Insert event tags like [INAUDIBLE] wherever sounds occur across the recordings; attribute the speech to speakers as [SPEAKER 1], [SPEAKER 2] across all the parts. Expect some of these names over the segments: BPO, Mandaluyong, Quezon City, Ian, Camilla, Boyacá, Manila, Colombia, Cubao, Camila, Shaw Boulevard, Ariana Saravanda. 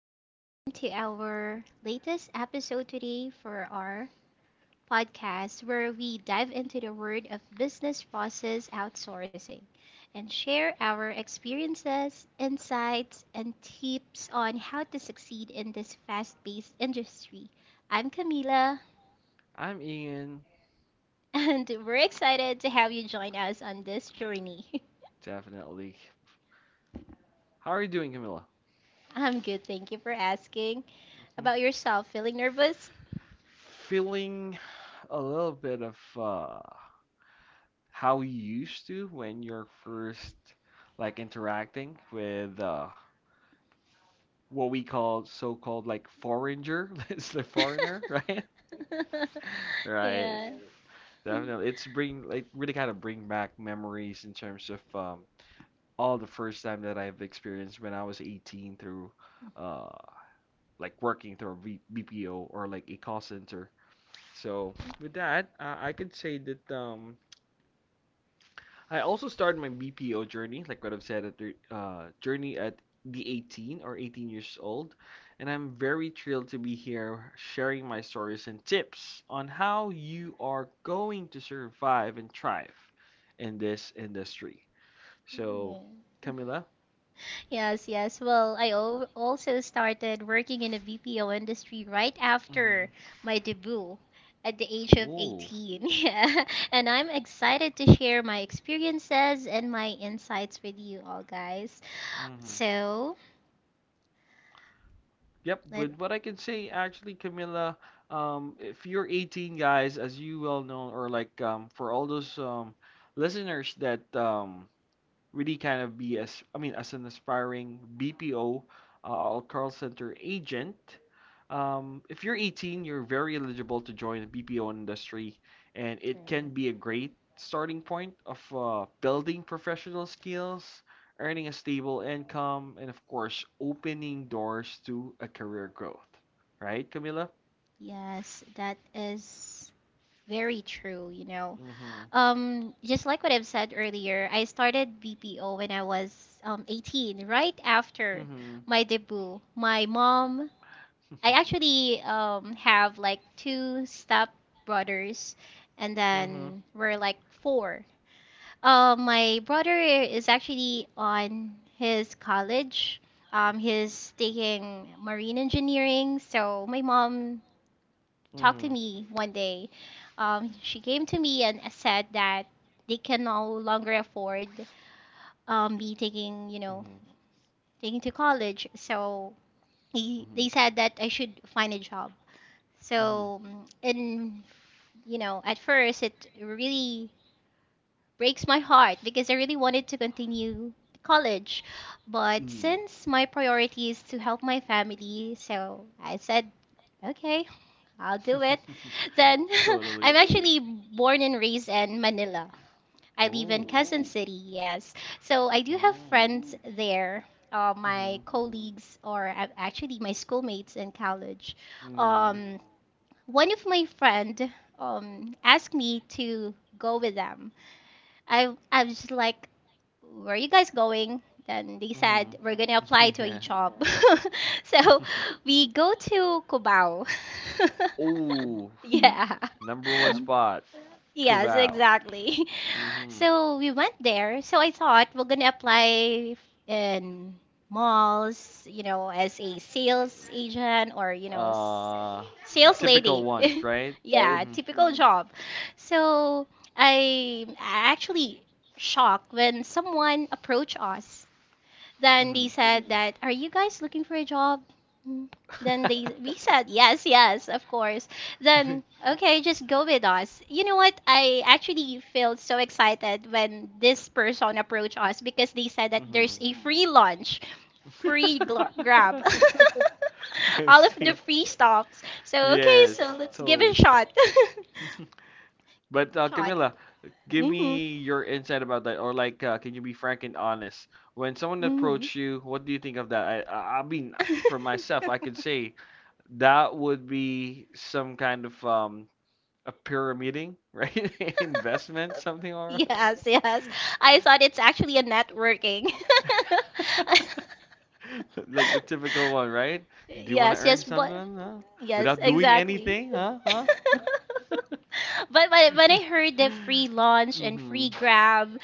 [SPEAKER 1] everyone to our latest episode today for our podcast where we dive into the world of business process outsourcing and share our experiences, insights, and tips on how to succeed in this fast-paced industry. I'm Camila
[SPEAKER 2] I'm Ian,
[SPEAKER 1] and [LAUGHS] we're excited to have you join us on this journey.
[SPEAKER 2] definitely. How are you doing, Camilla?
[SPEAKER 1] [LAUGHS] I'm good, thank you for asking.
[SPEAKER 2] Mhm.
[SPEAKER 1] About yourself, feeling nervous?
[SPEAKER 2] Feeling a little bit of how you used to when you're first like interacting with what we call so-called like foreigner, [LAUGHS] it's the foreigner, right? [LAUGHS]
[SPEAKER 1] [LAUGHS]
[SPEAKER 2] Right.
[SPEAKER 1] yeah.
[SPEAKER 2] Definitely. It's bring like really kind of bring back memories in terms of all the first time that I've experienced when I was 18 through uh, like working through a BPO or like a call center. So with that, I could say that I also started my BPO journey, like what I've said, at the journey at the 18 or 18 years old, and I'm very thrilled to be here sharing my stories and tips on how you are going to survive and thrive in this industry. So,
[SPEAKER 1] Yeah.
[SPEAKER 2] Camila.
[SPEAKER 1] Yes. Well, I also started working in a BPO industry right
[SPEAKER 2] Mm-hmm.
[SPEAKER 1] after my debut at the age of
[SPEAKER 2] Ooh.
[SPEAKER 1] 18. [LAUGHS] Yeah. And I'm excited to share my experiences and my insights with you all, guys. So,
[SPEAKER 2] Yep,
[SPEAKER 1] let
[SPEAKER 2] with what I can say, actually, Camilla, if you're 18, guys, as you well know, or like for all those listeners that really kind of be as an aspiring BPO or call center agent. If you're 18, you're very eligible to join the BPO industry, and it can be a
[SPEAKER 1] Right.
[SPEAKER 2] great starting point of building professional skills, earning a stable income, and of course, opening doors to a career growth. Right, Camila?
[SPEAKER 1] Yes, that is very true.
[SPEAKER 2] Mm-hmm.
[SPEAKER 1] Just like what I've said earlier, I started BPO when I was 18, right after
[SPEAKER 2] Mm-hmm.
[SPEAKER 1] my debut. My mom I
[SPEAKER 2] [LAUGHS]
[SPEAKER 1] actually have like two step brothers and
[SPEAKER 2] Mm-hmm.
[SPEAKER 1] then we're like four. My brother is actually on his college. He's taking marine engineering. So my mom talked to
[SPEAKER 2] Mm-hmm.
[SPEAKER 1] me one day. She came to me and said that they can no longer afford me taking to college. So he,
[SPEAKER 2] Mm-hmm.
[SPEAKER 1] they said that I should find a job.
[SPEAKER 2] Mm-hmm.
[SPEAKER 1] So, and, at first it really breaks my heart because I really wanted to continue college. But since my priority is to help my family, so I said, okay, I'll do it.
[SPEAKER 2] Mm-hmm.
[SPEAKER 1] [LAUGHS] Then
[SPEAKER 2] [LAUGHS]
[SPEAKER 1] [LAUGHS]
[SPEAKER 2] Totally.
[SPEAKER 1] I'm actually born and raised in Manila. I live in
[SPEAKER 2] Oh.
[SPEAKER 1] Quezon Ooh. City, yes. So I do have
[SPEAKER 2] Oh.
[SPEAKER 1] friends there. My
[SPEAKER 2] Mm-hmm.
[SPEAKER 1] colleagues or actually my schoolmates in college.
[SPEAKER 2] Mm.
[SPEAKER 1] Um, one of my friend asked me to go with them. I was just like, where are you guys going? Then they
[SPEAKER 2] Mm-hmm.
[SPEAKER 1] said we're gonna
[SPEAKER 2] [LAUGHS]
[SPEAKER 1] apply to a
[SPEAKER 2] Yeah.
[SPEAKER 1] job. [LAUGHS] so we go to Cubao.
[SPEAKER 2] [LAUGHS] Ooh.
[SPEAKER 1] [LAUGHS] yeah.
[SPEAKER 2] Number one spot.
[SPEAKER 1] Yes,
[SPEAKER 2] Cubao.
[SPEAKER 1] exactly. [LAUGHS]
[SPEAKER 2] Mm-hmm.
[SPEAKER 1] So we went there. So I thought we're gonna apply in malls, you know, as a sales agent or, you know, s-
[SPEAKER 2] Uh,
[SPEAKER 1] sales
[SPEAKER 2] typical
[SPEAKER 1] lady.
[SPEAKER 2] one,
[SPEAKER 1] [LAUGHS]
[SPEAKER 2] right?
[SPEAKER 1] Right. Yeah,
[SPEAKER 2] Mm-hmm.
[SPEAKER 1] typical Mm. job. So I'm actually shocked when someone approached us then they said that, "Are you guys looking for a job?" Mm. Then they we said, "Yes, yes, of course."
[SPEAKER 2] Mm-hmm.
[SPEAKER 1] Then,
[SPEAKER 2] [LAUGHS]
[SPEAKER 1] "Okay, just go with us." You know what? I actually felt so excited when this person approached us because they said that
[SPEAKER 2] Mm-hmm.
[SPEAKER 1] there's a free lunch, free grab. [LAUGHS]
[SPEAKER 2] [LAUGHS] I
[SPEAKER 1] All of the
[SPEAKER 2] see.
[SPEAKER 1] free stops. So, okay,
[SPEAKER 2] Yes,
[SPEAKER 1] so let's give it a
[SPEAKER 2] totally. [LAUGHS]
[SPEAKER 1] shot.
[SPEAKER 2] But
[SPEAKER 1] [LAUGHS] Shot.
[SPEAKER 2] Camila, give
[SPEAKER 1] Mhm.
[SPEAKER 2] me your insight about that, or like, can you be frank and honest? When someone
[SPEAKER 1] Mhm.
[SPEAKER 2] approached you, what do you think of that? I mean, for myself, I could
[SPEAKER 1] [LAUGHS]
[SPEAKER 2] say that would be some kind of a pyramiding, [LAUGHS] right? Investment,
[SPEAKER 1] [LAUGHS]
[SPEAKER 2] something. Or
[SPEAKER 1] Yes, yes. I thought it's actually a networking. [LAUGHS]
[SPEAKER 2] [LAUGHS] like the typical one, right? Do you want to
[SPEAKER 1] Yes,
[SPEAKER 2] earn
[SPEAKER 1] yes, but
[SPEAKER 2] something, huh?
[SPEAKER 1] yes,
[SPEAKER 2] Without doing
[SPEAKER 1] exactly.
[SPEAKER 2] anything, huh?
[SPEAKER 1] [LAUGHS]
[SPEAKER 2] Huh?
[SPEAKER 1] But when I
[SPEAKER 2] [LAUGHS]
[SPEAKER 1] heard the free lunch and
[SPEAKER 2] Mm-hmm.
[SPEAKER 1] free grab,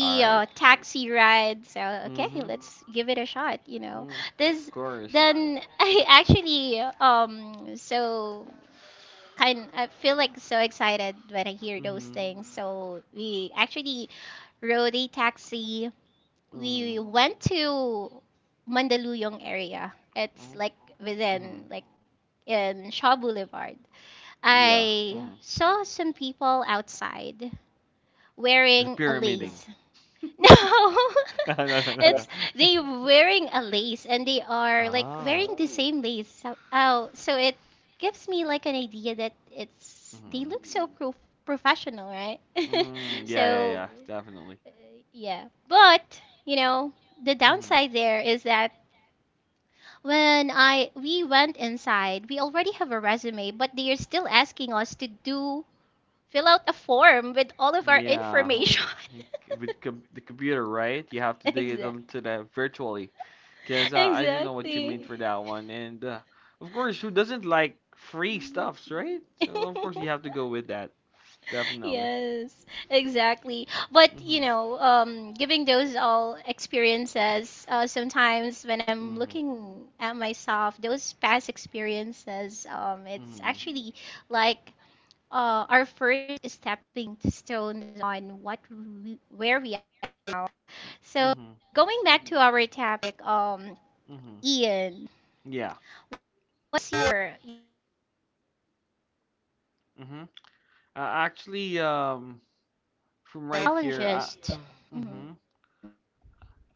[SPEAKER 2] All right.
[SPEAKER 1] taxi ride, so okay,
[SPEAKER 2] Mm-hmm.
[SPEAKER 1] let's give it a shot, you know.
[SPEAKER 2] Mm, of
[SPEAKER 1] This
[SPEAKER 2] course.
[SPEAKER 1] then [LAUGHS] I actually so kind I feel like so excited when I hear those
[SPEAKER 2] Mm-hmm.
[SPEAKER 1] things. So we actually rode a taxi.
[SPEAKER 2] Mm-hmm.
[SPEAKER 1] We went to Mandaluyong area. It's
[SPEAKER 2] Mm.
[SPEAKER 1] like within
[SPEAKER 2] Hmm.
[SPEAKER 1] like in Shaw Boulevard.
[SPEAKER 2] Yeah.
[SPEAKER 1] I
[SPEAKER 2] Hmm.
[SPEAKER 1] saw some people outside
[SPEAKER 2] The
[SPEAKER 1] wearing a
[SPEAKER 2] pyramiding.
[SPEAKER 1] lace.
[SPEAKER 2] [LAUGHS] No,
[SPEAKER 1] No, [LAUGHS]
[SPEAKER 2] no, no, no,
[SPEAKER 1] it's
[SPEAKER 2] no.
[SPEAKER 1] they
[SPEAKER 2] [LAUGHS]
[SPEAKER 1] wearing a lace and they are like
[SPEAKER 2] Ah.
[SPEAKER 1] wearing the Oh, same lace. So, oh, so it gives me like an idea that it's they
[SPEAKER 2] Mm-hmm.
[SPEAKER 1] look so pro professional, right? [LAUGHS]
[SPEAKER 2] Mm, yeah, yeah,
[SPEAKER 1] So,
[SPEAKER 2] yeah.
[SPEAKER 1] Mhm.
[SPEAKER 2] Definitely.
[SPEAKER 1] uh, yeah. But, you know, the
[SPEAKER 2] Hmm.
[SPEAKER 1] downside there is that when I we went inside, we already have a resume, but they are still asking us to do fill out a form with all of our
[SPEAKER 2] Yeah.
[SPEAKER 1] information.
[SPEAKER 2] Think.
[SPEAKER 1] [LAUGHS]
[SPEAKER 2] With com the computer, right? You have to dig it
[SPEAKER 1] Exactly.
[SPEAKER 2] into that virtually, because
[SPEAKER 1] [LAUGHS]
[SPEAKER 2] I didn't know what you meant
[SPEAKER 1] Exactly.
[SPEAKER 2] for that one. And of course, who doesn't like free stuffs, right? So of course you have to go
[SPEAKER 1] [LAUGHS]
[SPEAKER 2] with that. Definitely.
[SPEAKER 1] Yes, exactly. But you
[SPEAKER 2] Mm-hmm.
[SPEAKER 1] know, giving those all experiences, sometimes when I'm
[SPEAKER 2] Mm-hmm.
[SPEAKER 1] looking at myself, those past experiences, it's
[SPEAKER 2] Mm-hmm.
[SPEAKER 1] actually like our first stepping stones on what we, where we are now. So
[SPEAKER 2] Mm-hmm.
[SPEAKER 1] going back to our topic,
[SPEAKER 2] Mm-hmm.
[SPEAKER 1] Ian,
[SPEAKER 2] Yeah.
[SPEAKER 1] what's your you
[SPEAKER 2] Mm-hmm. Uh, actually, from
[SPEAKER 1] know,
[SPEAKER 2] right here,
[SPEAKER 1] challenges? Mm-hmm.
[SPEAKER 2] mhm.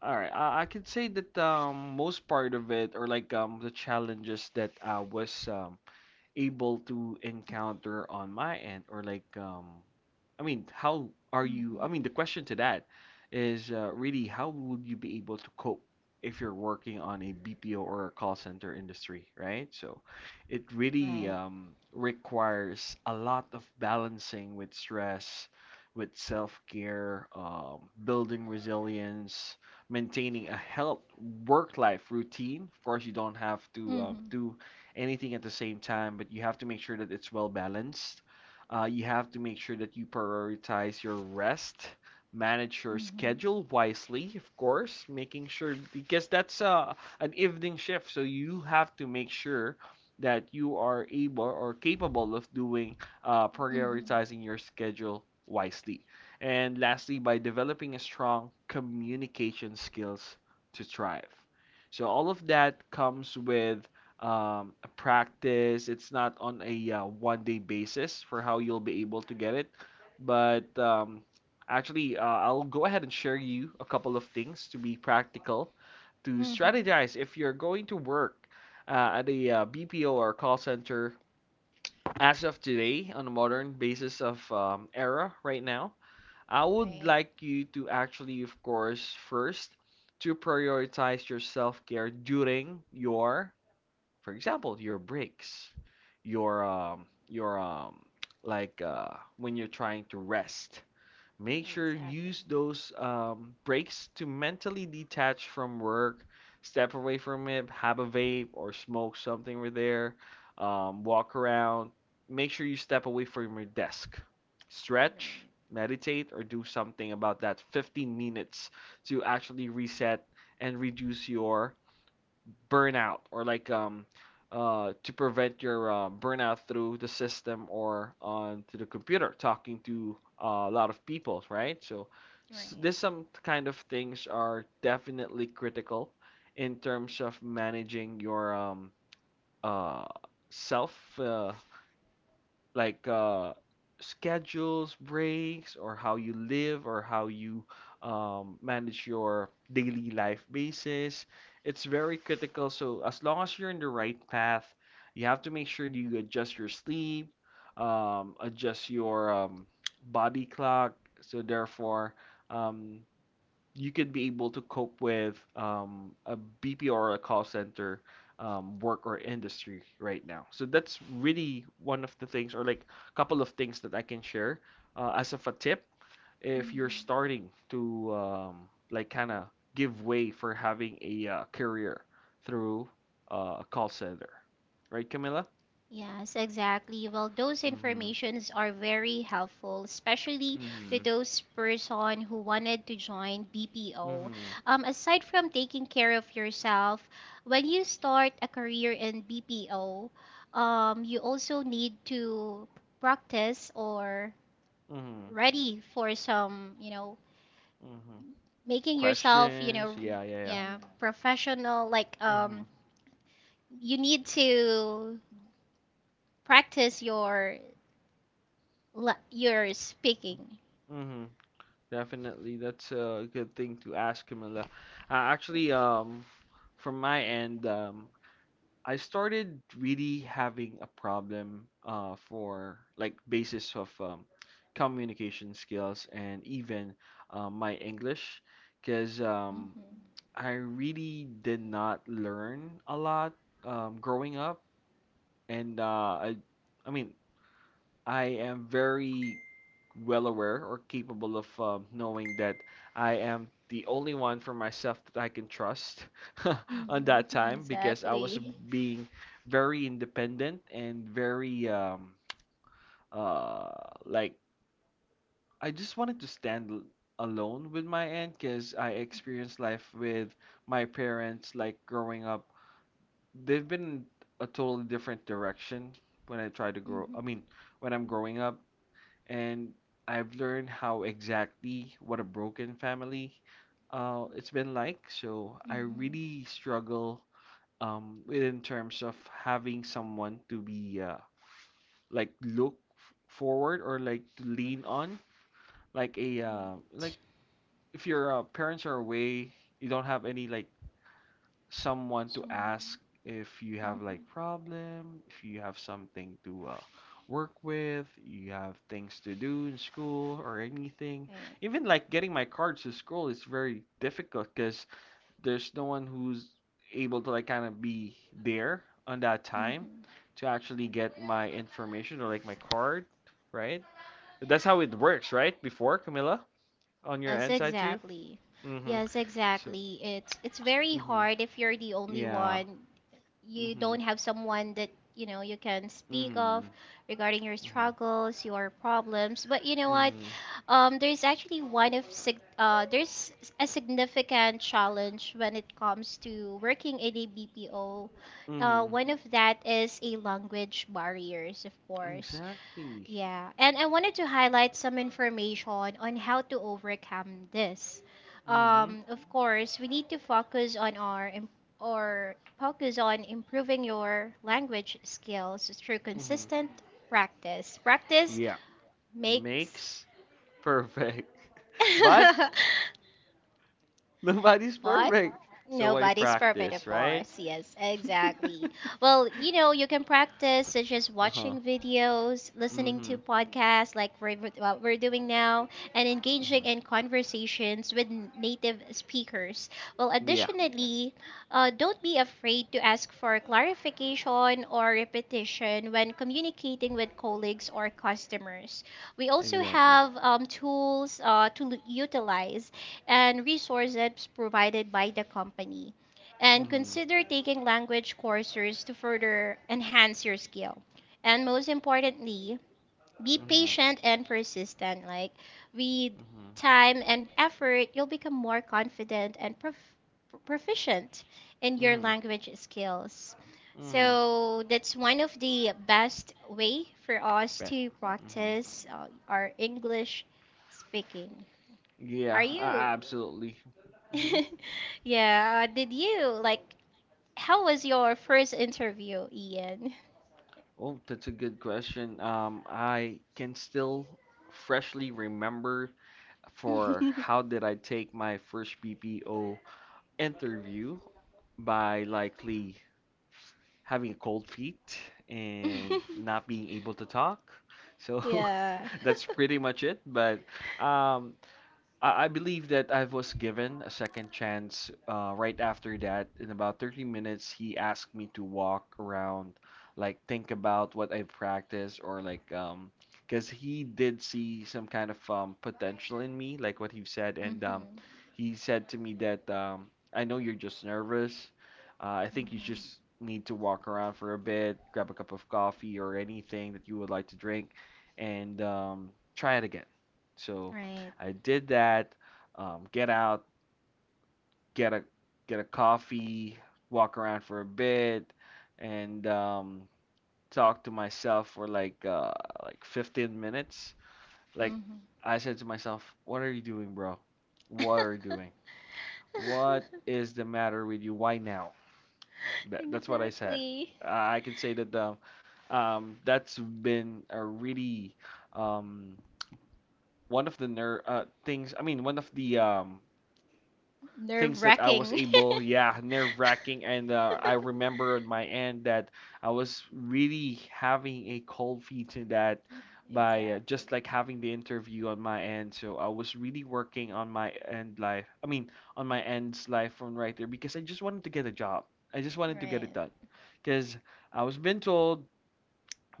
[SPEAKER 2] All right, I could say that most part of it or like the challenges that I was able to encounter on my end or like I mean how
[SPEAKER 1] mm-hmm.
[SPEAKER 2] are you I mean the question to that is really how would you be able to cope if you're working on a BPO or a call center industry, right? So it
[SPEAKER 1] Right.
[SPEAKER 2] really requires a lot of balancing with stress, with self-care, building resilience, maintaining a health work-life routine. Of course, you don't have
[SPEAKER 1] Mhm.
[SPEAKER 2] to do anything at the same time, but you have to make sure that it's well balanced. You have to make sure that you prioritize your rest, manage your
[SPEAKER 1] Mhm.
[SPEAKER 2] schedule wisely, of course, making sure because that's an evening shift, so you have to make sure that you are able or capable of doing
[SPEAKER 1] Mhm.
[SPEAKER 2] prioritizing your schedule wisely. And lastly, by developing a strong communication skills to thrive. So all of that comes with a practice. It's not on a one day basis for how you'll be able to get it. But I'll go ahead and share you a couple of things to be practical, to
[SPEAKER 1] Mhm.
[SPEAKER 2] strategize if you're going to work at a BPO or call center as of today on a modern basis of era right now. I would
[SPEAKER 1] Right.
[SPEAKER 2] like you to actually, of course, first to prioritize your self-care during your, for example, your breaks, your like when you're trying to rest. Make sure you use
[SPEAKER 1] Exactly.
[SPEAKER 2] those breaks to mentally detach from work, step away from it, have a vape or smoke something over there, walk around. Make sure you step away from your desk, stretch,
[SPEAKER 1] Right.
[SPEAKER 2] meditate, or do something about that 15 minutes to actually reset and reduce your burnout or like to prevent your burnout through the system or on to the computer talking to a lot of people, right? So s-
[SPEAKER 1] Right.
[SPEAKER 2] this some kind of things are definitely critical in terms of managing your uh self like schedules, breaks, or how you live, or how you manage your daily life basis. It's very critical. So as long as you're in the right path, you have to make sure that you adjust your sleep, adjust your body clock. So therefore, um, you could be able to cope with a BPO or a call center work or industry right now. So that's really one of the things, or like a couple of things that I can share as of a tip if you're
[SPEAKER 1] Mhm.
[SPEAKER 2] starting to like kind of give way for having a career through a call center, right, Camilla?
[SPEAKER 1] Yes, exactly. Well, those
[SPEAKER 2] Mm-hmm.
[SPEAKER 1] informations are very helpful, especially to
[SPEAKER 2] Mm-hmm.
[SPEAKER 1] those person who wanted to join BPO.
[SPEAKER 2] Mm-hmm.
[SPEAKER 1] Aside from taking care of yourself, when you start a career in BPO, you also need to practice or
[SPEAKER 2] Mm-hmm.
[SPEAKER 1] ready for some,
[SPEAKER 2] Mm-hmm.
[SPEAKER 1] making yourself, you
[SPEAKER 2] Questions?
[SPEAKER 1] know,
[SPEAKER 2] Yeah, yeah,
[SPEAKER 1] yeah, professional. Like,
[SPEAKER 2] yeah. Mm-hmm.
[SPEAKER 1] you need to practice your your speaking.
[SPEAKER 2] Mm-hmm. Definitely, that's a good thing to ask, Camilla.
[SPEAKER 1] Yeah.
[SPEAKER 2] Actually, from my end, I started really having a problem for like basis of communication skills and even my English, because
[SPEAKER 1] Mhm.
[SPEAKER 2] I really did not learn a lot growing up, and I mean, I am very well aware or capable of knowing that I am the only one for myself that I can trust [LAUGHS] on
[SPEAKER 1] Mhm.
[SPEAKER 2] that
[SPEAKER 1] [LAUGHS]
[SPEAKER 2] time because I was
[SPEAKER 1] Exactly.
[SPEAKER 2] being very independent and very uh, like I just wanted to stand alone with my aunt because I experienced life with my parents like growing up. They've been a totally different direction when I try to grow.
[SPEAKER 1] Mhm.
[SPEAKER 2] I mean, when I'm growing up and I've learned how exactly what a broken family it's been like. So I
[SPEAKER 1] Mhm.
[SPEAKER 2] really struggle with in terms of having someone to be like look forward or like to lean on, like a like
[SPEAKER 1] Right.
[SPEAKER 2] if your parents are away, you don't have any like someone to ask
[SPEAKER 1] Someone.
[SPEAKER 2] if you have like
[SPEAKER 1] Mhm.
[SPEAKER 2] problem, if you have something to work with, you have things to do in school or anything.
[SPEAKER 1] Right.
[SPEAKER 2] Even like getting my cards to school is very difficult because there's no one who's able to like kind of be there on that time
[SPEAKER 1] Mhm.
[SPEAKER 2] to actually get my information or like my card, right? That's how it works, right? Before, Camilla, on your
[SPEAKER 1] Yes,
[SPEAKER 2] end side to you.
[SPEAKER 1] exactly.
[SPEAKER 2] Mm-hmm.
[SPEAKER 1] Yes,
[SPEAKER 2] So,
[SPEAKER 1] exactly. It's very
[SPEAKER 2] mm-hmm.
[SPEAKER 1] hard if you're the only
[SPEAKER 2] Yeah.
[SPEAKER 1] one. You
[SPEAKER 2] Mm-hmm.
[SPEAKER 1] don't have someone that you know you can speak
[SPEAKER 2] Mm-hmm.
[SPEAKER 1] of regarding your
[SPEAKER 2] Mhm.
[SPEAKER 1] struggles, your problems. But you know what,
[SPEAKER 2] Mhm.
[SPEAKER 1] there's actually one of sig- there's a significant challenge when it comes to working in a BPO. Uh,
[SPEAKER 2] Mhm.
[SPEAKER 1] one of that is a language barriers of course,
[SPEAKER 2] Exactly.
[SPEAKER 1] yeah, and I wanted to highlight some information on how to overcome this.
[SPEAKER 2] Mhm.
[SPEAKER 1] Of course, we need to focus on our im- or focus on improving your language skills through
[SPEAKER 2] Mhm.
[SPEAKER 1] consistent practice. Practice
[SPEAKER 2] Yeah.
[SPEAKER 1] makes
[SPEAKER 2] Makes perfect. [LAUGHS] But
[SPEAKER 1] [LAUGHS]
[SPEAKER 2] nobody's
[SPEAKER 1] What?
[SPEAKER 2] perfect. So I
[SPEAKER 1] Nobody's perfect, of
[SPEAKER 2] practice, right?
[SPEAKER 1] course. Yes, exactly.
[SPEAKER 2] [LAUGHS]
[SPEAKER 1] Well, you know, you can practice such as
[SPEAKER 2] Uh-huh.
[SPEAKER 1] watching videos, listening to
[SPEAKER 2] Mm-hmm.
[SPEAKER 1] podcasts like what we're doing now, and engaging in
[SPEAKER 2] Mm-hmm.
[SPEAKER 1] conversations with native speakers. Well,
[SPEAKER 2] Yeah,
[SPEAKER 1] additionally, don't be afraid to ask for clarification or repetition when communicating with colleagues or customers. We also
[SPEAKER 2] exactly.
[SPEAKER 1] have tools to utilize and resources provided by the company. And
[SPEAKER 2] Mm-hmm.
[SPEAKER 1] consider taking language courses to further enhance your skill. And most importantly, be
[SPEAKER 2] Mm-hmm.
[SPEAKER 1] patient and persistent. Like with
[SPEAKER 2] Mm-hmm.
[SPEAKER 1] time and effort, you'll become more confident and proficient in your
[SPEAKER 2] Mm-hmm.
[SPEAKER 1] language skills.
[SPEAKER 2] Mm-hmm.
[SPEAKER 1] So that's one of the best way for us
[SPEAKER 2] Bet.
[SPEAKER 1] to
[SPEAKER 2] Mm-hmm.
[SPEAKER 1] practice our English speaking. Are
[SPEAKER 2] Yeah,
[SPEAKER 1] you
[SPEAKER 2] absolutely. Mm-hmm.
[SPEAKER 1] [LAUGHS] Yeah, did you like how was your first interview, Ian?
[SPEAKER 2] Oh, that's a good question. I can still freshly remember for
[SPEAKER 1] [LAUGHS]
[SPEAKER 2] how did I take my first BPO interview by likely having cold feet and not being able to talk. So
[SPEAKER 1] Yeah.
[SPEAKER 2] [LAUGHS] that's pretty much it. But um, I believe that I was given a second chance right after that. In about 30 minutes, he asked me to walk around, like think about what I practiced or like because he did see some kind of potential in me, like what he said,
[SPEAKER 1] [LAUGHS]
[SPEAKER 2] and
[SPEAKER 1] Mm-hmm.
[SPEAKER 2] he said to me that I know you're just nervous. I think you
[SPEAKER 1] Mm-hmm.
[SPEAKER 2] just need to walk around for a bit, grab a cup of coffee or anything that you would like to drink, and try it again. So
[SPEAKER 1] Right.
[SPEAKER 2] I did that. Get out, get a get a coffee, walk around for a bit, and talk to myself for like 15 minutes. Like
[SPEAKER 1] Mm-hmm.
[SPEAKER 2] I said to myself, "What are you doing, bro? What are you doing? What is the matter with you? Why now?"
[SPEAKER 1] [LAUGHS]
[SPEAKER 2] That's what I said.
[SPEAKER 1] Exactly.
[SPEAKER 2] I can say that that's been a really um, one of the ner- things. I mean, one of the things that I was
[SPEAKER 1] Nerve-wracking.
[SPEAKER 2] able, yeah, nerve wracking. And I
[SPEAKER 1] [LAUGHS]
[SPEAKER 2] remember on my end that I was really having a cold feet to that by
[SPEAKER 1] Exactly.
[SPEAKER 2] just like having the interview on my end. So I was really working on my end life. I mean, on my end's life from right there because I just wanted to get a job. I just wanted to get it
[SPEAKER 1] Right.
[SPEAKER 2] done because I was been told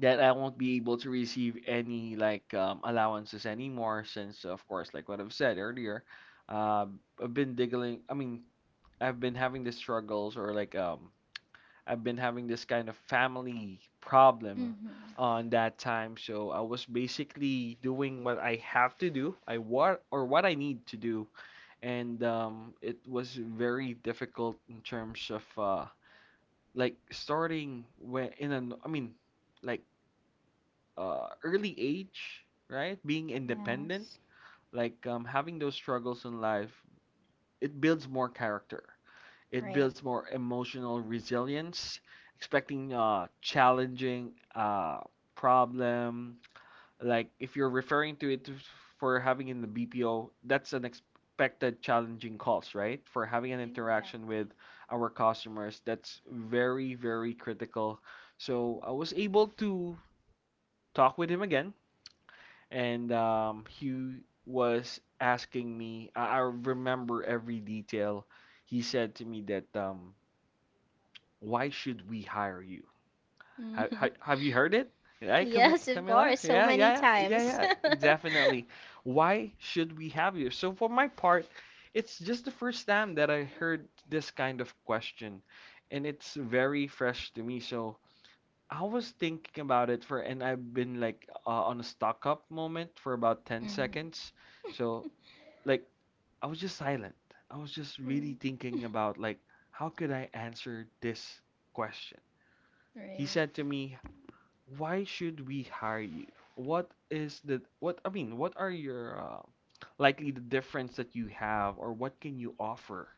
[SPEAKER 2] that I won't be able to receive any like allowances anymore, since of course, like what I've said earlier, uh, I've been digging. I've been having these struggles or like I've been having this kind of family problem
[SPEAKER 1] Mm-hmm.
[SPEAKER 2] on that time. So I was basically doing what I have to do, I what or what I need to do, and it was very difficult in terms of like starting when in an I mean like early age, right? Being independent,
[SPEAKER 1] Yes.
[SPEAKER 2] having those struggles in life, it builds more character. It
[SPEAKER 1] Right.
[SPEAKER 2] builds more emotional resilience, expecting challenging problem. Like if you're referring to it for having in the BPO, that's an expected challenging calls, right? For having an interaction with
[SPEAKER 1] Exactly.
[SPEAKER 2] our customers, that's very, very critical. So I was able to talk with him again, and he was asking me. I remember every detail. He said to me that why should we hire you? Have,
[SPEAKER 1] Mm-hmm. [LAUGHS]
[SPEAKER 2] have you heard it? Right,
[SPEAKER 1] Yes, of
[SPEAKER 2] Camilla?
[SPEAKER 1] course, so
[SPEAKER 2] Yeah,
[SPEAKER 1] many
[SPEAKER 2] yeah, yeah, yeah,
[SPEAKER 1] times.
[SPEAKER 2] yeah, definitely.
[SPEAKER 1] [LAUGHS]
[SPEAKER 2] Why should we have you? So, for my part, it's just the first time that I heard this kind of question, and it's very fresh to me. So, I was thinking about it, and I've been on a stock up moment for about 10
[SPEAKER 1] Mhm.
[SPEAKER 2] seconds.
[SPEAKER 1] [LAUGHS]
[SPEAKER 2] So, like, I was just silent. I was just really
[SPEAKER 1] Mm.
[SPEAKER 2] thinking
[SPEAKER 1] [LAUGHS]
[SPEAKER 2] about, like, how could I answer this question? He
[SPEAKER 1] Right.
[SPEAKER 2] said to me, "Why should we hire you? What is the what I mean, what are your likely the difference that you have or what can you offer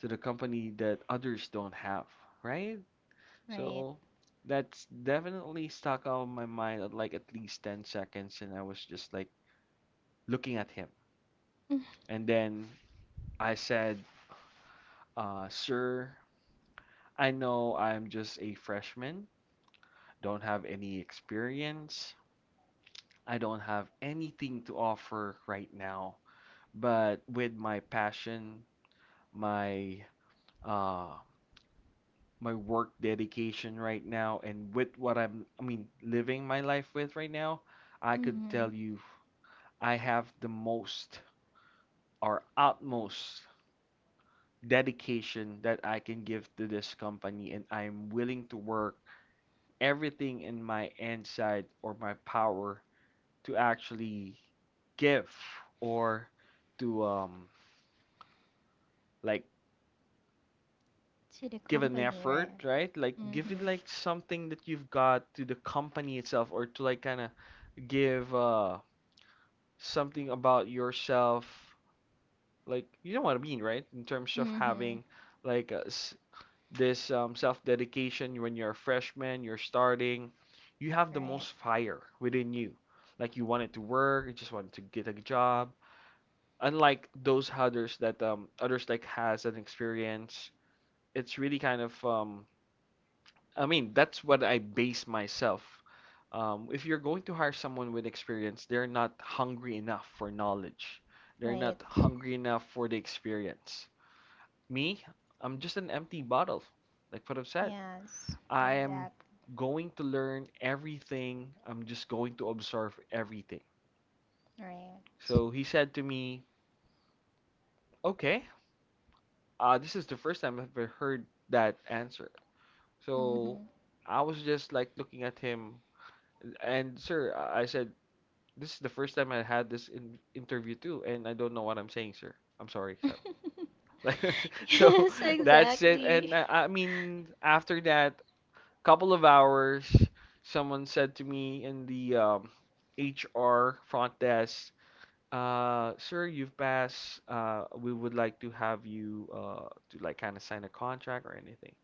[SPEAKER 2] to the company that others don't have, right?"
[SPEAKER 1] Right.
[SPEAKER 2] So that's definitely stuck out of my mind at like at least 10 seconds, and I was just like looking at him. And then I said, "Sir, I know I'm just a freshman, don't have any experience, I don't have anything to offer right now, but with my passion, my uh my work dedication right now and with what I'm living my life with right now, I could tell
[SPEAKER 1] Mhm.
[SPEAKER 2] you I have the most or utmost dedication that I can give to this company, and I'm willing to work everything in my inside or my power to actually give or to like
[SPEAKER 1] To the
[SPEAKER 2] give an
[SPEAKER 1] company,
[SPEAKER 2] effort,
[SPEAKER 1] right?
[SPEAKER 2] right? Like give it
[SPEAKER 1] Mhm.
[SPEAKER 2] like something that you've got to the company itself or to like kind of give something about yourself. Like you know what I mean, right? In terms of
[SPEAKER 1] Mhm.
[SPEAKER 2] having like s- this self-dedication when you're a freshman, you're starting, you have the
[SPEAKER 1] Right.
[SPEAKER 2] most fire within you. Like you wanted to work, you just wanted to get a job. Unlike those others that others like has an experience, it's really kind of, that's what I base myself. If you're going to hire someone with experience, they're not hungry enough for knowledge. They're not
[SPEAKER 1] Right.
[SPEAKER 2] hungry enough for the experience. Me, I'm just an empty bottle, like what I've said.
[SPEAKER 1] Yes.
[SPEAKER 2] I am
[SPEAKER 1] Exact.
[SPEAKER 2] going to learn everything. I'm just going to absorb everything.
[SPEAKER 1] Right.
[SPEAKER 2] So he said to me, "Okay, this is the first time I've ever heard that answer." So
[SPEAKER 1] Mhm.
[SPEAKER 2] I was just like looking at him, and sir, I said, this is the first time I had this in interview too, and I don't know what I'm saying, sir. I'm sorry, sir.
[SPEAKER 1] [LAUGHS]
[SPEAKER 2] [LAUGHS] Like, so
[SPEAKER 1] Yes,
[SPEAKER 2] that's it.
[SPEAKER 1] exactly.
[SPEAKER 2] And after that couple of hours, someone said to me in the HR front desk, "Sir, you've passed. We would like to have you to like kind of sign a contract or anything."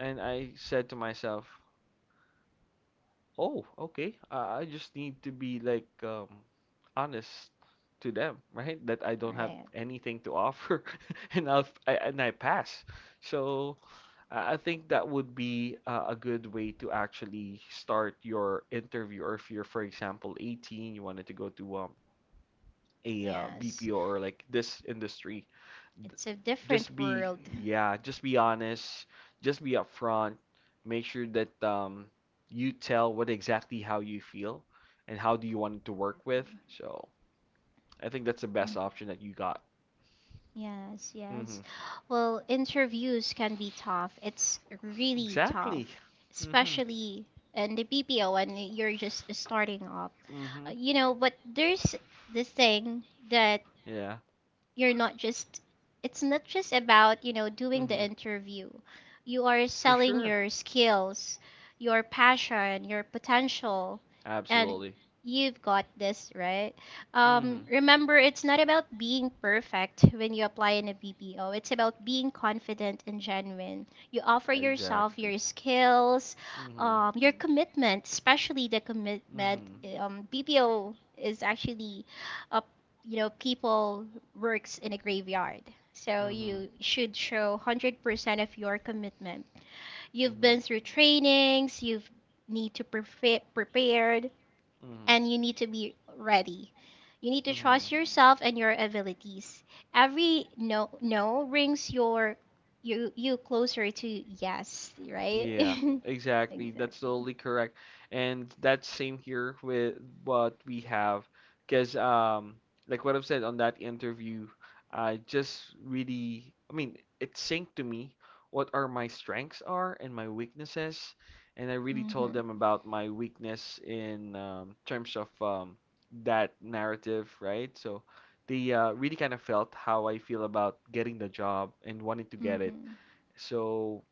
[SPEAKER 2] And I said to myself, oh, okay. I just need to be honest to them, right? That I don't have
[SPEAKER 1] Right.
[SPEAKER 2] anything to offer [LAUGHS] and and I pass. So I think that would be a good way to actually start your interview or if you're, for example, 18, you wanted to go to a
[SPEAKER 1] Yes.
[SPEAKER 2] BPO or like this industry,
[SPEAKER 1] It's a
[SPEAKER 2] just
[SPEAKER 1] different
[SPEAKER 2] be,
[SPEAKER 1] world.
[SPEAKER 2] yeah, just be honest, just be upfront, make sure that you tell what exactly how you feel and how do you want it to work with. So I think that's the best
[SPEAKER 1] Exactly.
[SPEAKER 2] option that you got.
[SPEAKER 1] Yes,
[SPEAKER 2] Mm-hmm,
[SPEAKER 1] yes. Well, interviews can be tough. It's really tough,
[SPEAKER 2] exactly. Mm-hmm.
[SPEAKER 1] especially in the BPO when you're just starting up.
[SPEAKER 2] Mm-hmm.
[SPEAKER 1] You know, but there's this thing that
[SPEAKER 2] Yeah.
[SPEAKER 1] you're not just it's not just about you know doing the
[SPEAKER 2] Mm-hmm.
[SPEAKER 1] interview. You are
[SPEAKER 2] For
[SPEAKER 1] selling
[SPEAKER 2] sure.
[SPEAKER 1] your skills, your passion, your potential, and
[SPEAKER 2] Absolutely.
[SPEAKER 1] you've got this, right?
[SPEAKER 2] Mm-hmm,
[SPEAKER 1] Remember, it's not about being perfect when you apply in a BPO. It's about being confident and genuine. You offer yourself,
[SPEAKER 2] exactly.
[SPEAKER 1] your skills,
[SPEAKER 2] mm-hmm.
[SPEAKER 1] your commitment especially the commitment.
[SPEAKER 2] Mm-hmm.
[SPEAKER 1] BPO is actually uh, you know, people works in a graveyard. So
[SPEAKER 2] Mm-hmm.
[SPEAKER 1] you should show 100% of your commitment. You've
[SPEAKER 2] Mm-hmm.
[SPEAKER 1] been through trainings, you've need to prepare prepared
[SPEAKER 2] Mm-hmm.
[SPEAKER 1] and you need to be ready. You need to
[SPEAKER 2] Mm-hmm.
[SPEAKER 1] trust yourself and your abilities. Every no brings you closer to yes, right?
[SPEAKER 2] Yeah,
[SPEAKER 1] [LAUGHS]
[SPEAKER 2] exactly. That's
[SPEAKER 1] exactly.
[SPEAKER 2] totally correct. And that's same here with what we have. Because, like what I've said on that interview, I just really, it synced to me what are my strengths are and my weaknesses. And I really told
[SPEAKER 1] Mhm.
[SPEAKER 2] them about my weakness in terms of that narrative, right? So they really kind of felt how I feel about getting the job and wanting to get it.
[SPEAKER 1] Mhm.
[SPEAKER 2] So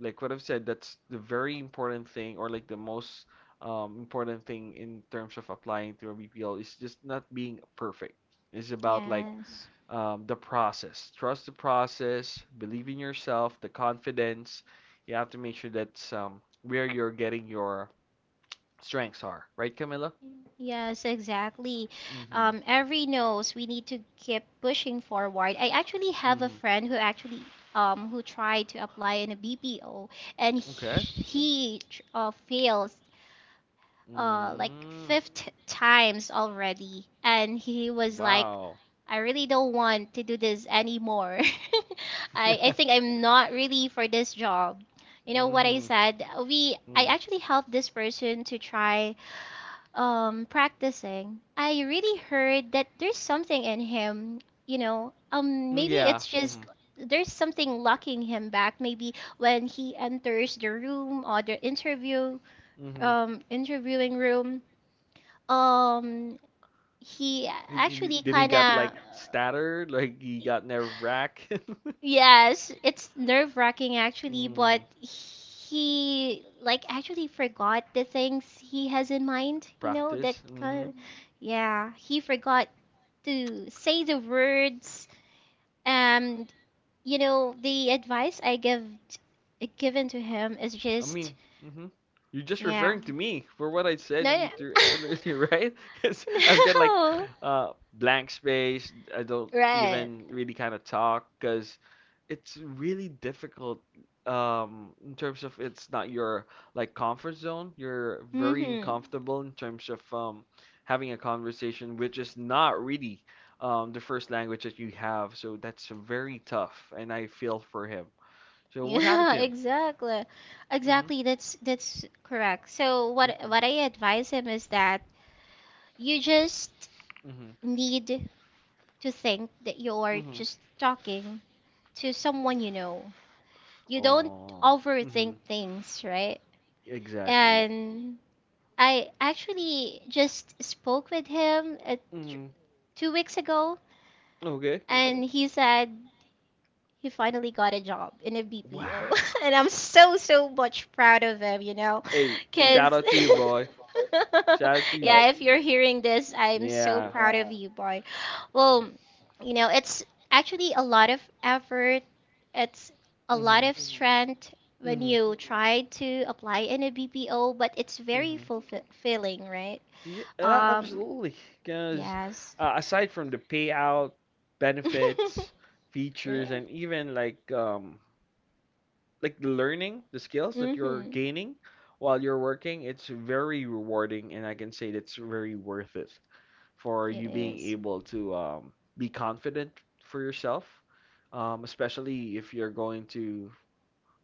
[SPEAKER 2] like what I've said, that's the very important thing, or like the most important thing in terms of applying to a BPO is just not being perfect. It's about
[SPEAKER 1] Yes.
[SPEAKER 2] the process. Trust the process, believe in yourself, the confidence. You have to make sure that's where you're getting your strengths are, right, Camilla?
[SPEAKER 1] Yes, exactly.
[SPEAKER 2] Mm-hmm.
[SPEAKER 1] Every knows we need to keep pushing forward. I actually have a
[SPEAKER 2] Mm-hmm.
[SPEAKER 1] friend who actually who tried to apply in a BPO and he,
[SPEAKER 2] Okay.
[SPEAKER 1] he tr- uh, fails uh, like
[SPEAKER 2] Mm.
[SPEAKER 1] fifth times already, and he was like,
[SPEAKER 2] Wow. [LAUGHS]
[SPEAKER 1] I really don't want to do this anymore. [LAUGHS] I think I'm not really for this job. You know what I
[SPEAKER 2] Mm-hmm.
[SPEAKER 1] said? We I
[SPEAKER 2] Mm.
[SPEAKER 1] actually helped this person to try practicing. I really heard that there's something in him, you know,
[SPEAKER 2] Mm,
[SPEAKER 1] maybe
[SPEAKER 2] yeah.
[SPEAKER 1] it's just
[SPEAKER 2] Mm-hmm.
[SPEAKER 1] there's something locking him back maybe when he enters the room or the interview
[SPEAKER 2] Mm-hmm.
[SPEAKER 1] interviewing room. Um he actually
[SPEAKER 2] Did he
[SPEAKER 1] kind
[SPEAKER 2] got like
[SPEAKER 1] of
[SPEAKER 2] stuttered? Like he got nerve wrack?
[SPEAKER 1] Yes, it's nerve-wracking
[SPEAKER 2] [LAUGHS]
[SPEAKER 1] actually, but
[SPEAKER 2] mm,
[SPEAKER 1] he like actually forgot the things he has in mind, you know, that
[SPEAKER 2] practice.
[SPEAKER 1] kind yeah, he forgot to say the words. And you know, the advice I given to him is
[SPEAKER 2] I
[SPEAKER 1] just
[SPEAKER 2] mean, hmm you're just
[SPEAKER 1] yeah.
[SPEAKER 2] referring to me for what I said
[SPEAKER 1] No,
[SPEAKER 2] you through earlier, [LAUGHS] right? Because 'Cause
[SPEAKER 1] [LAUGHS]
[SPEAKER 2] I've got like
[SPEAKER 1] no.
[SPEAKER 2] blank space. I don't
[SPEAKER 1] Right.
[SPEAKER 2] even really kind of talk because it's really difficult in terms of it's not your like comfort zone. You're very
[SPEAKER 1] Mm-hmm.
[SPEAKER 2] uncomfortable in terms of having a conversation, which is not really the first language that you have. So that's very tough, and I feel for him. So what happened
[SPEAKER 1] Yeah, [LAUGHS]
[SPEAKER 2] to him?
[SPEAKER 1] exactly.
[SPEAKER 2] hmm
[SPEAKER 1] Exactly. That's correct. So what
[SPEAKER 2] hmm
[SPEAKER 1] I advise him is that you just
[SPEAKER 2] hmm
[SPEAKER 1] need to think that you're
[SPEAKER 2] Mm-hmm.
[SPEAKER 1] just talking to someone you know. You don't
[SPEAKER 2] Oh. Mm-hmm.
[SPEAKER 1] overthink things, right?
[SPEAKER 2] Exactly.
[SPEAKER 1] And I actually just spoke with him t-
[SPEAKER 2] Mm-hmm.
[SPEAKER 1] 2 weeks ago,
[SPEAKER 2] Okay.
[SPEAKER 1] and he said he finally got a job in a BPO,
[SPEAKER 2] Wow.
[SPEAKER 1] [LAUGHS] and I'm so much proud of him, you know,
[SPEAKER 2] Hey, shout
[SPEAKER 1] because
[SPEAKER 2] out
[SPEAKER 1] [LAUGHS]
[SPEAKER 2] to you, boy. Shout out to you.
[SPEAKER 1] yeah, if you're hearing this, I'm so
[SPEAKER 2] Yeah.
[SPEAKER 1] proud of you, boy. Well, you know, it's actually a lot of effort. It's a lot
[SPEAKER 2] Mm-hmm.
[SPEAKER 1] of strength when
[SPEAKER 2] Mm-hmm.
[SPEAKER 1] you try to apply in a BPO, but it's very
[SPEAKER 2] Mm-hmm.
[SPEAKER 1] fulfilling, right?
[SPEAKER 2] Yeah,
[SPEAKER 1] Um,
[SPEAKER 2] absolutely. Because
[SPEAKER 1] yes,
[SPEAKER 2] aside from the payout,
[SPEAKER 1] [LAUGHS] Right?
[SPEAKER 2] benefits, features, and even like the learning, the skills that you're
[SPEAKER 1] Mm-hmm.
[SPEAKER 2] gaining while you're working, it's very rewarding, and I can say that's very worth it. For
[SPEAKER 1] it
[SPEAKER 2] you being
[SPEAKER 1] is.
[SPEAKER 2] able to be confident for yourself, especially if you're going to.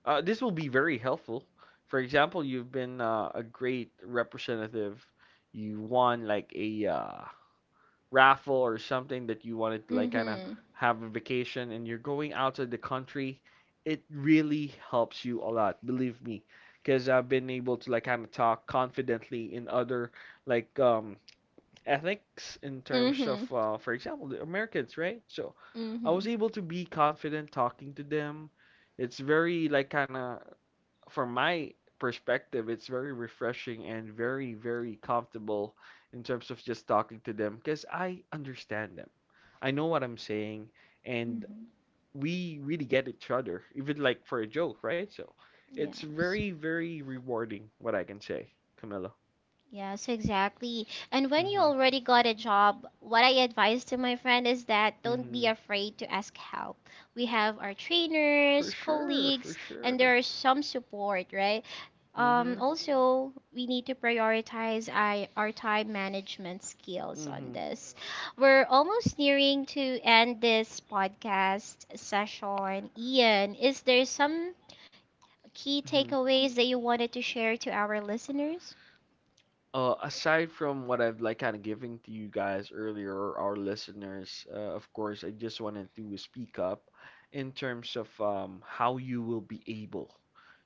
[SPEAKER 2] This will be very helpful. For example, you've been a great representative. You won like a raffle or something that you wanted to like kind of
[SPEAKER 1] Mm-hmm.
[SPEAKER 2] have a vacation, and you're going outside the country. It really helps you a lot, believe me, because I've been able to like kind of talk confidently in other like um ethics in terms of,
[SPEAKER 1] Mm-hmm.
[SPEAKER 2] for example, the Americans, right? So I was
[SPEAKER 1] Mm-hmm.
[SPEAKER 2] able to be confident talking to them. It's very, like, kind of, from my perspective, it's very refreshing and very, very comfortable in terms of just talking to them because I understand them. I know what I'm saying, and
[SPEAKER 1] Mm-hmm.
[SPEAKER 2] we really get each other, even like for a joke, right? So it's
[SPEAKER 1] Yes.
[SPEAKER 2] very, very rewarding, what I can say, Camilla.
[SPEAKER 1] Yes, exactly. And when you
[SPEAKER 2] Mm-hmm.
[SPEAKER 1] already got a job, what I advise to my friend is that don't be
[SPEAKER 2] Mm-hmm.
[SPEAKER 1] afraid to ask help. We have our trainers,
[SPEAKER 2] For sure,
[SPEAKER 1] colleagues,
[SPEAKER 2] for
[SPEAKER 1] and
[SPEAKER 2] sure.
[SPEAKER 1] there is some support, right? Um,
[SPEAKER 2] Mm-hmm.
[SPEAKER 1] also, we need to prioritize our time management skills on
[SPEAKER 2] Mm-hmm.
[SPEAKER 1] this. We're almost nearing to end this podcast session. Ian, is there some key
[SPEAKER 2] Mm-hmm.
[SPEAKER 1] takeaways that you wanted to share to our listeners?
[SPEAKER 2] Aside from what I've like kind of giving to you guys earlier or our listeners, of course, I just wanted to speak up in terms of how you will be able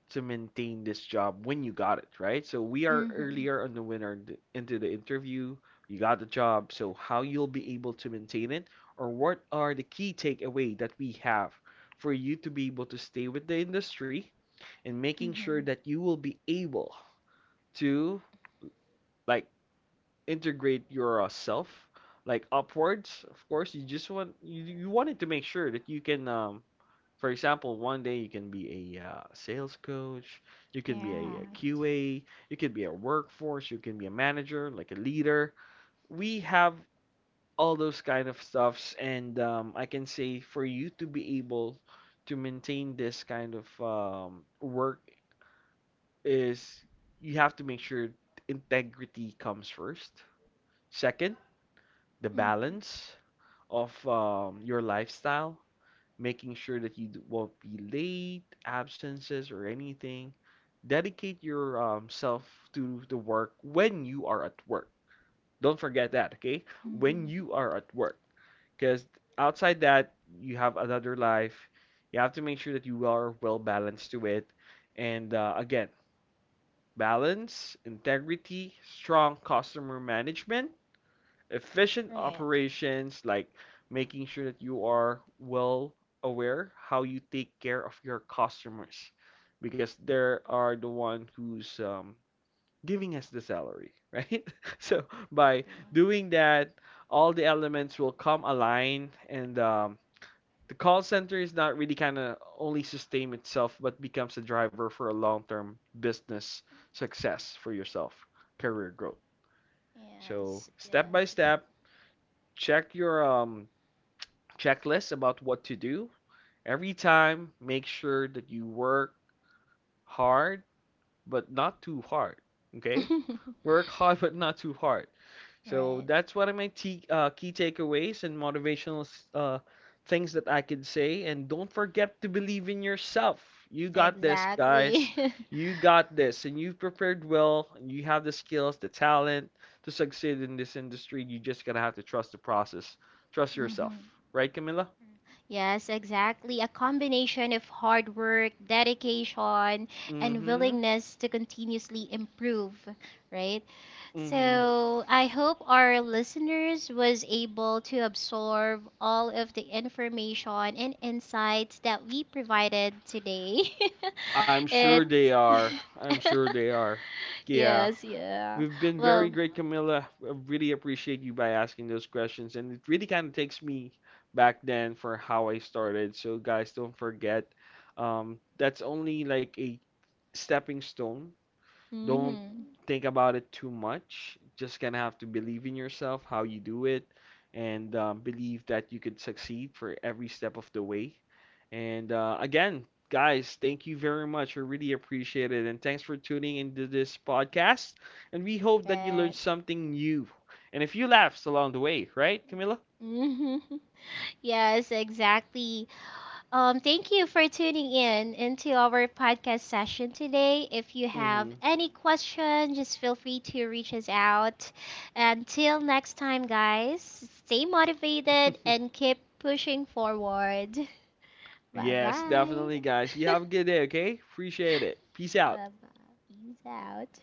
[SPEAKER 2] to maintain this job when you got it, right? So we are
[SPEAKER 1] Hmm
[SPEAKER 2] earlier on the winner into the interview. You got the job, so how you'll be able to maintain it, or what are the key takeaway that we have for you to be able to stay with the industry and making sure
[SPEAKER 1] Mm-hmm.
[SPEAKER 2] that you will be able to like integrate yourself like upwards. Of course you just want, you wanted to make sure that you can for example one day you can be a sales coach, you can be
[SPEAKER 1] Yeah.
[SPEAKER 2] a QA, you can be a workforce, you can be a manager, like a leader. We have all those kind of stuffs, and I can say for you to be able to maintain this kind of work is you have to make sure integrity comes first, second the
[SPEAKER 1] Mm-hmm.
[SPEAKER 2] balance of your lifestyle, making sure that you won't be late, absences, or anything. Dedicate your self to the work when you are at work. Don't forget that, okay? When
[SPEAKER 1] Mm-hmm.
[SPEAKER 2] you are at work, because outside that, you have another life. You have to make sure that you are well balanced to it. And again, balance, integrity, strong customer management, efficient
[SPEAKER 1] Right.
[SPEAKER 2] operations, like making sure that you are well aware how you take care of your customers because they are the one who's giving us the salary, right? [LAUGHS] So by
[SPEAKER 1] Exactly.
[SPEAKER 2] doing that, all the elements will come align, and the call center is not really kind of only sustain itself but becomes a driver for a long-term business success for yourself, career growth.
[SPEAKER 1] Yes.
[SPEAKER 2] So step by
[SPEAKER 1] Yes.
[SPEAKER 2] step, check your checklist about what to do. Every time, make sure that you work hard but not too hard. Okay, work hard [LAUGHS] but not too hard.
[SPEAKER 1] [LAUGHS]
[SPEAKER 2] So
[SPEAKER 1] right.
[SPEAKER 2] that's one of my key takeaways and motivational uh, things that I could say. And don't forget to believe in yourself. You got this,
[SPEAKER 1] Exactly.
[SPEAKER 2] guys.
[SPEAKER 1] [LAUGHS]
[SPEAKER 2] You got this, and you've prepared well. And you have the skills, the talent to succeed in this industry. You just gotta have to trust the process. Trust
[SPEAKER 1] mm-hmm.
[SPEAKER 2] yourself, right, Camilla?
[SPEAKER 1] Yes, exactly. A combination of hard work, dedication, and
[SPEAKER 2] Mm-hmm.
[SPEAKER 1] willingness to continuously improve, right?
[SPEAKER 2] Mm-hmm.
[SPEAKER 1] So, I hope our listeners was able to absorb all of the information and insights that we provided today.
[SPEAKER 2] I'm
[SPEAKER 1] [LAUGHS]
[SPEAKER 2] sure
[SPEAKER 1] it's
[SPEAKER 2] they are.
[SPEAKER 1] [LAUGHS]
[SPEAKER 2] I'm sure they are. Yeah.
[SPEAKER 1] Yes, yeah.
[SPEAKER 2] We've been very
[SPEAKER 1] Well,
[SPEAKER 2] great, Camilla. I really appreciate you by asking those questions, and it really kind of takes me back then for how I started. So, guys, don't forget, that's only like a stepping stone, don't
[SPEAKER 1] mhm.
[SPEAKER 2] think about it too much. Just gonna have to believe in yourself, how you do it, and believe that you could succeed for every step of the way. And again, guys, thank you very much. I really appreciate it. And thanks for tuning into this podcast. And we hope that you learned
[SPEAKER 1] Right.
[SPEAKER 2] something new. And if you laughed along the way, right, Camila?
[SPEAKER 1] Mhm. [LAUGHS] Yes, exactly. Thank you for tuning in into our podcast session today. If you have
[SPEAKER 2] Mm-hmm.
[SPEAKER 1] any question, just feel free to reach us out. Until next time, guys, stay motivated
[SPEAKER 2] [LAUGHS]
[SPEAKER 1] and keep pushing forward. [LAUGHS] Bye
[SPEAKER 2] Yes,
[SPEAKER 1] bye.
[SPEAKER 2] definitely, guys.
[SPEAKER 1] [LAUGHS]
[SPEAKER 2] You
[SPEAKER 1] bye
[SPEAKER 2] have a good day, okay? Appreciate it. Peace out.
[SPEAKER 1] bye. Peace out.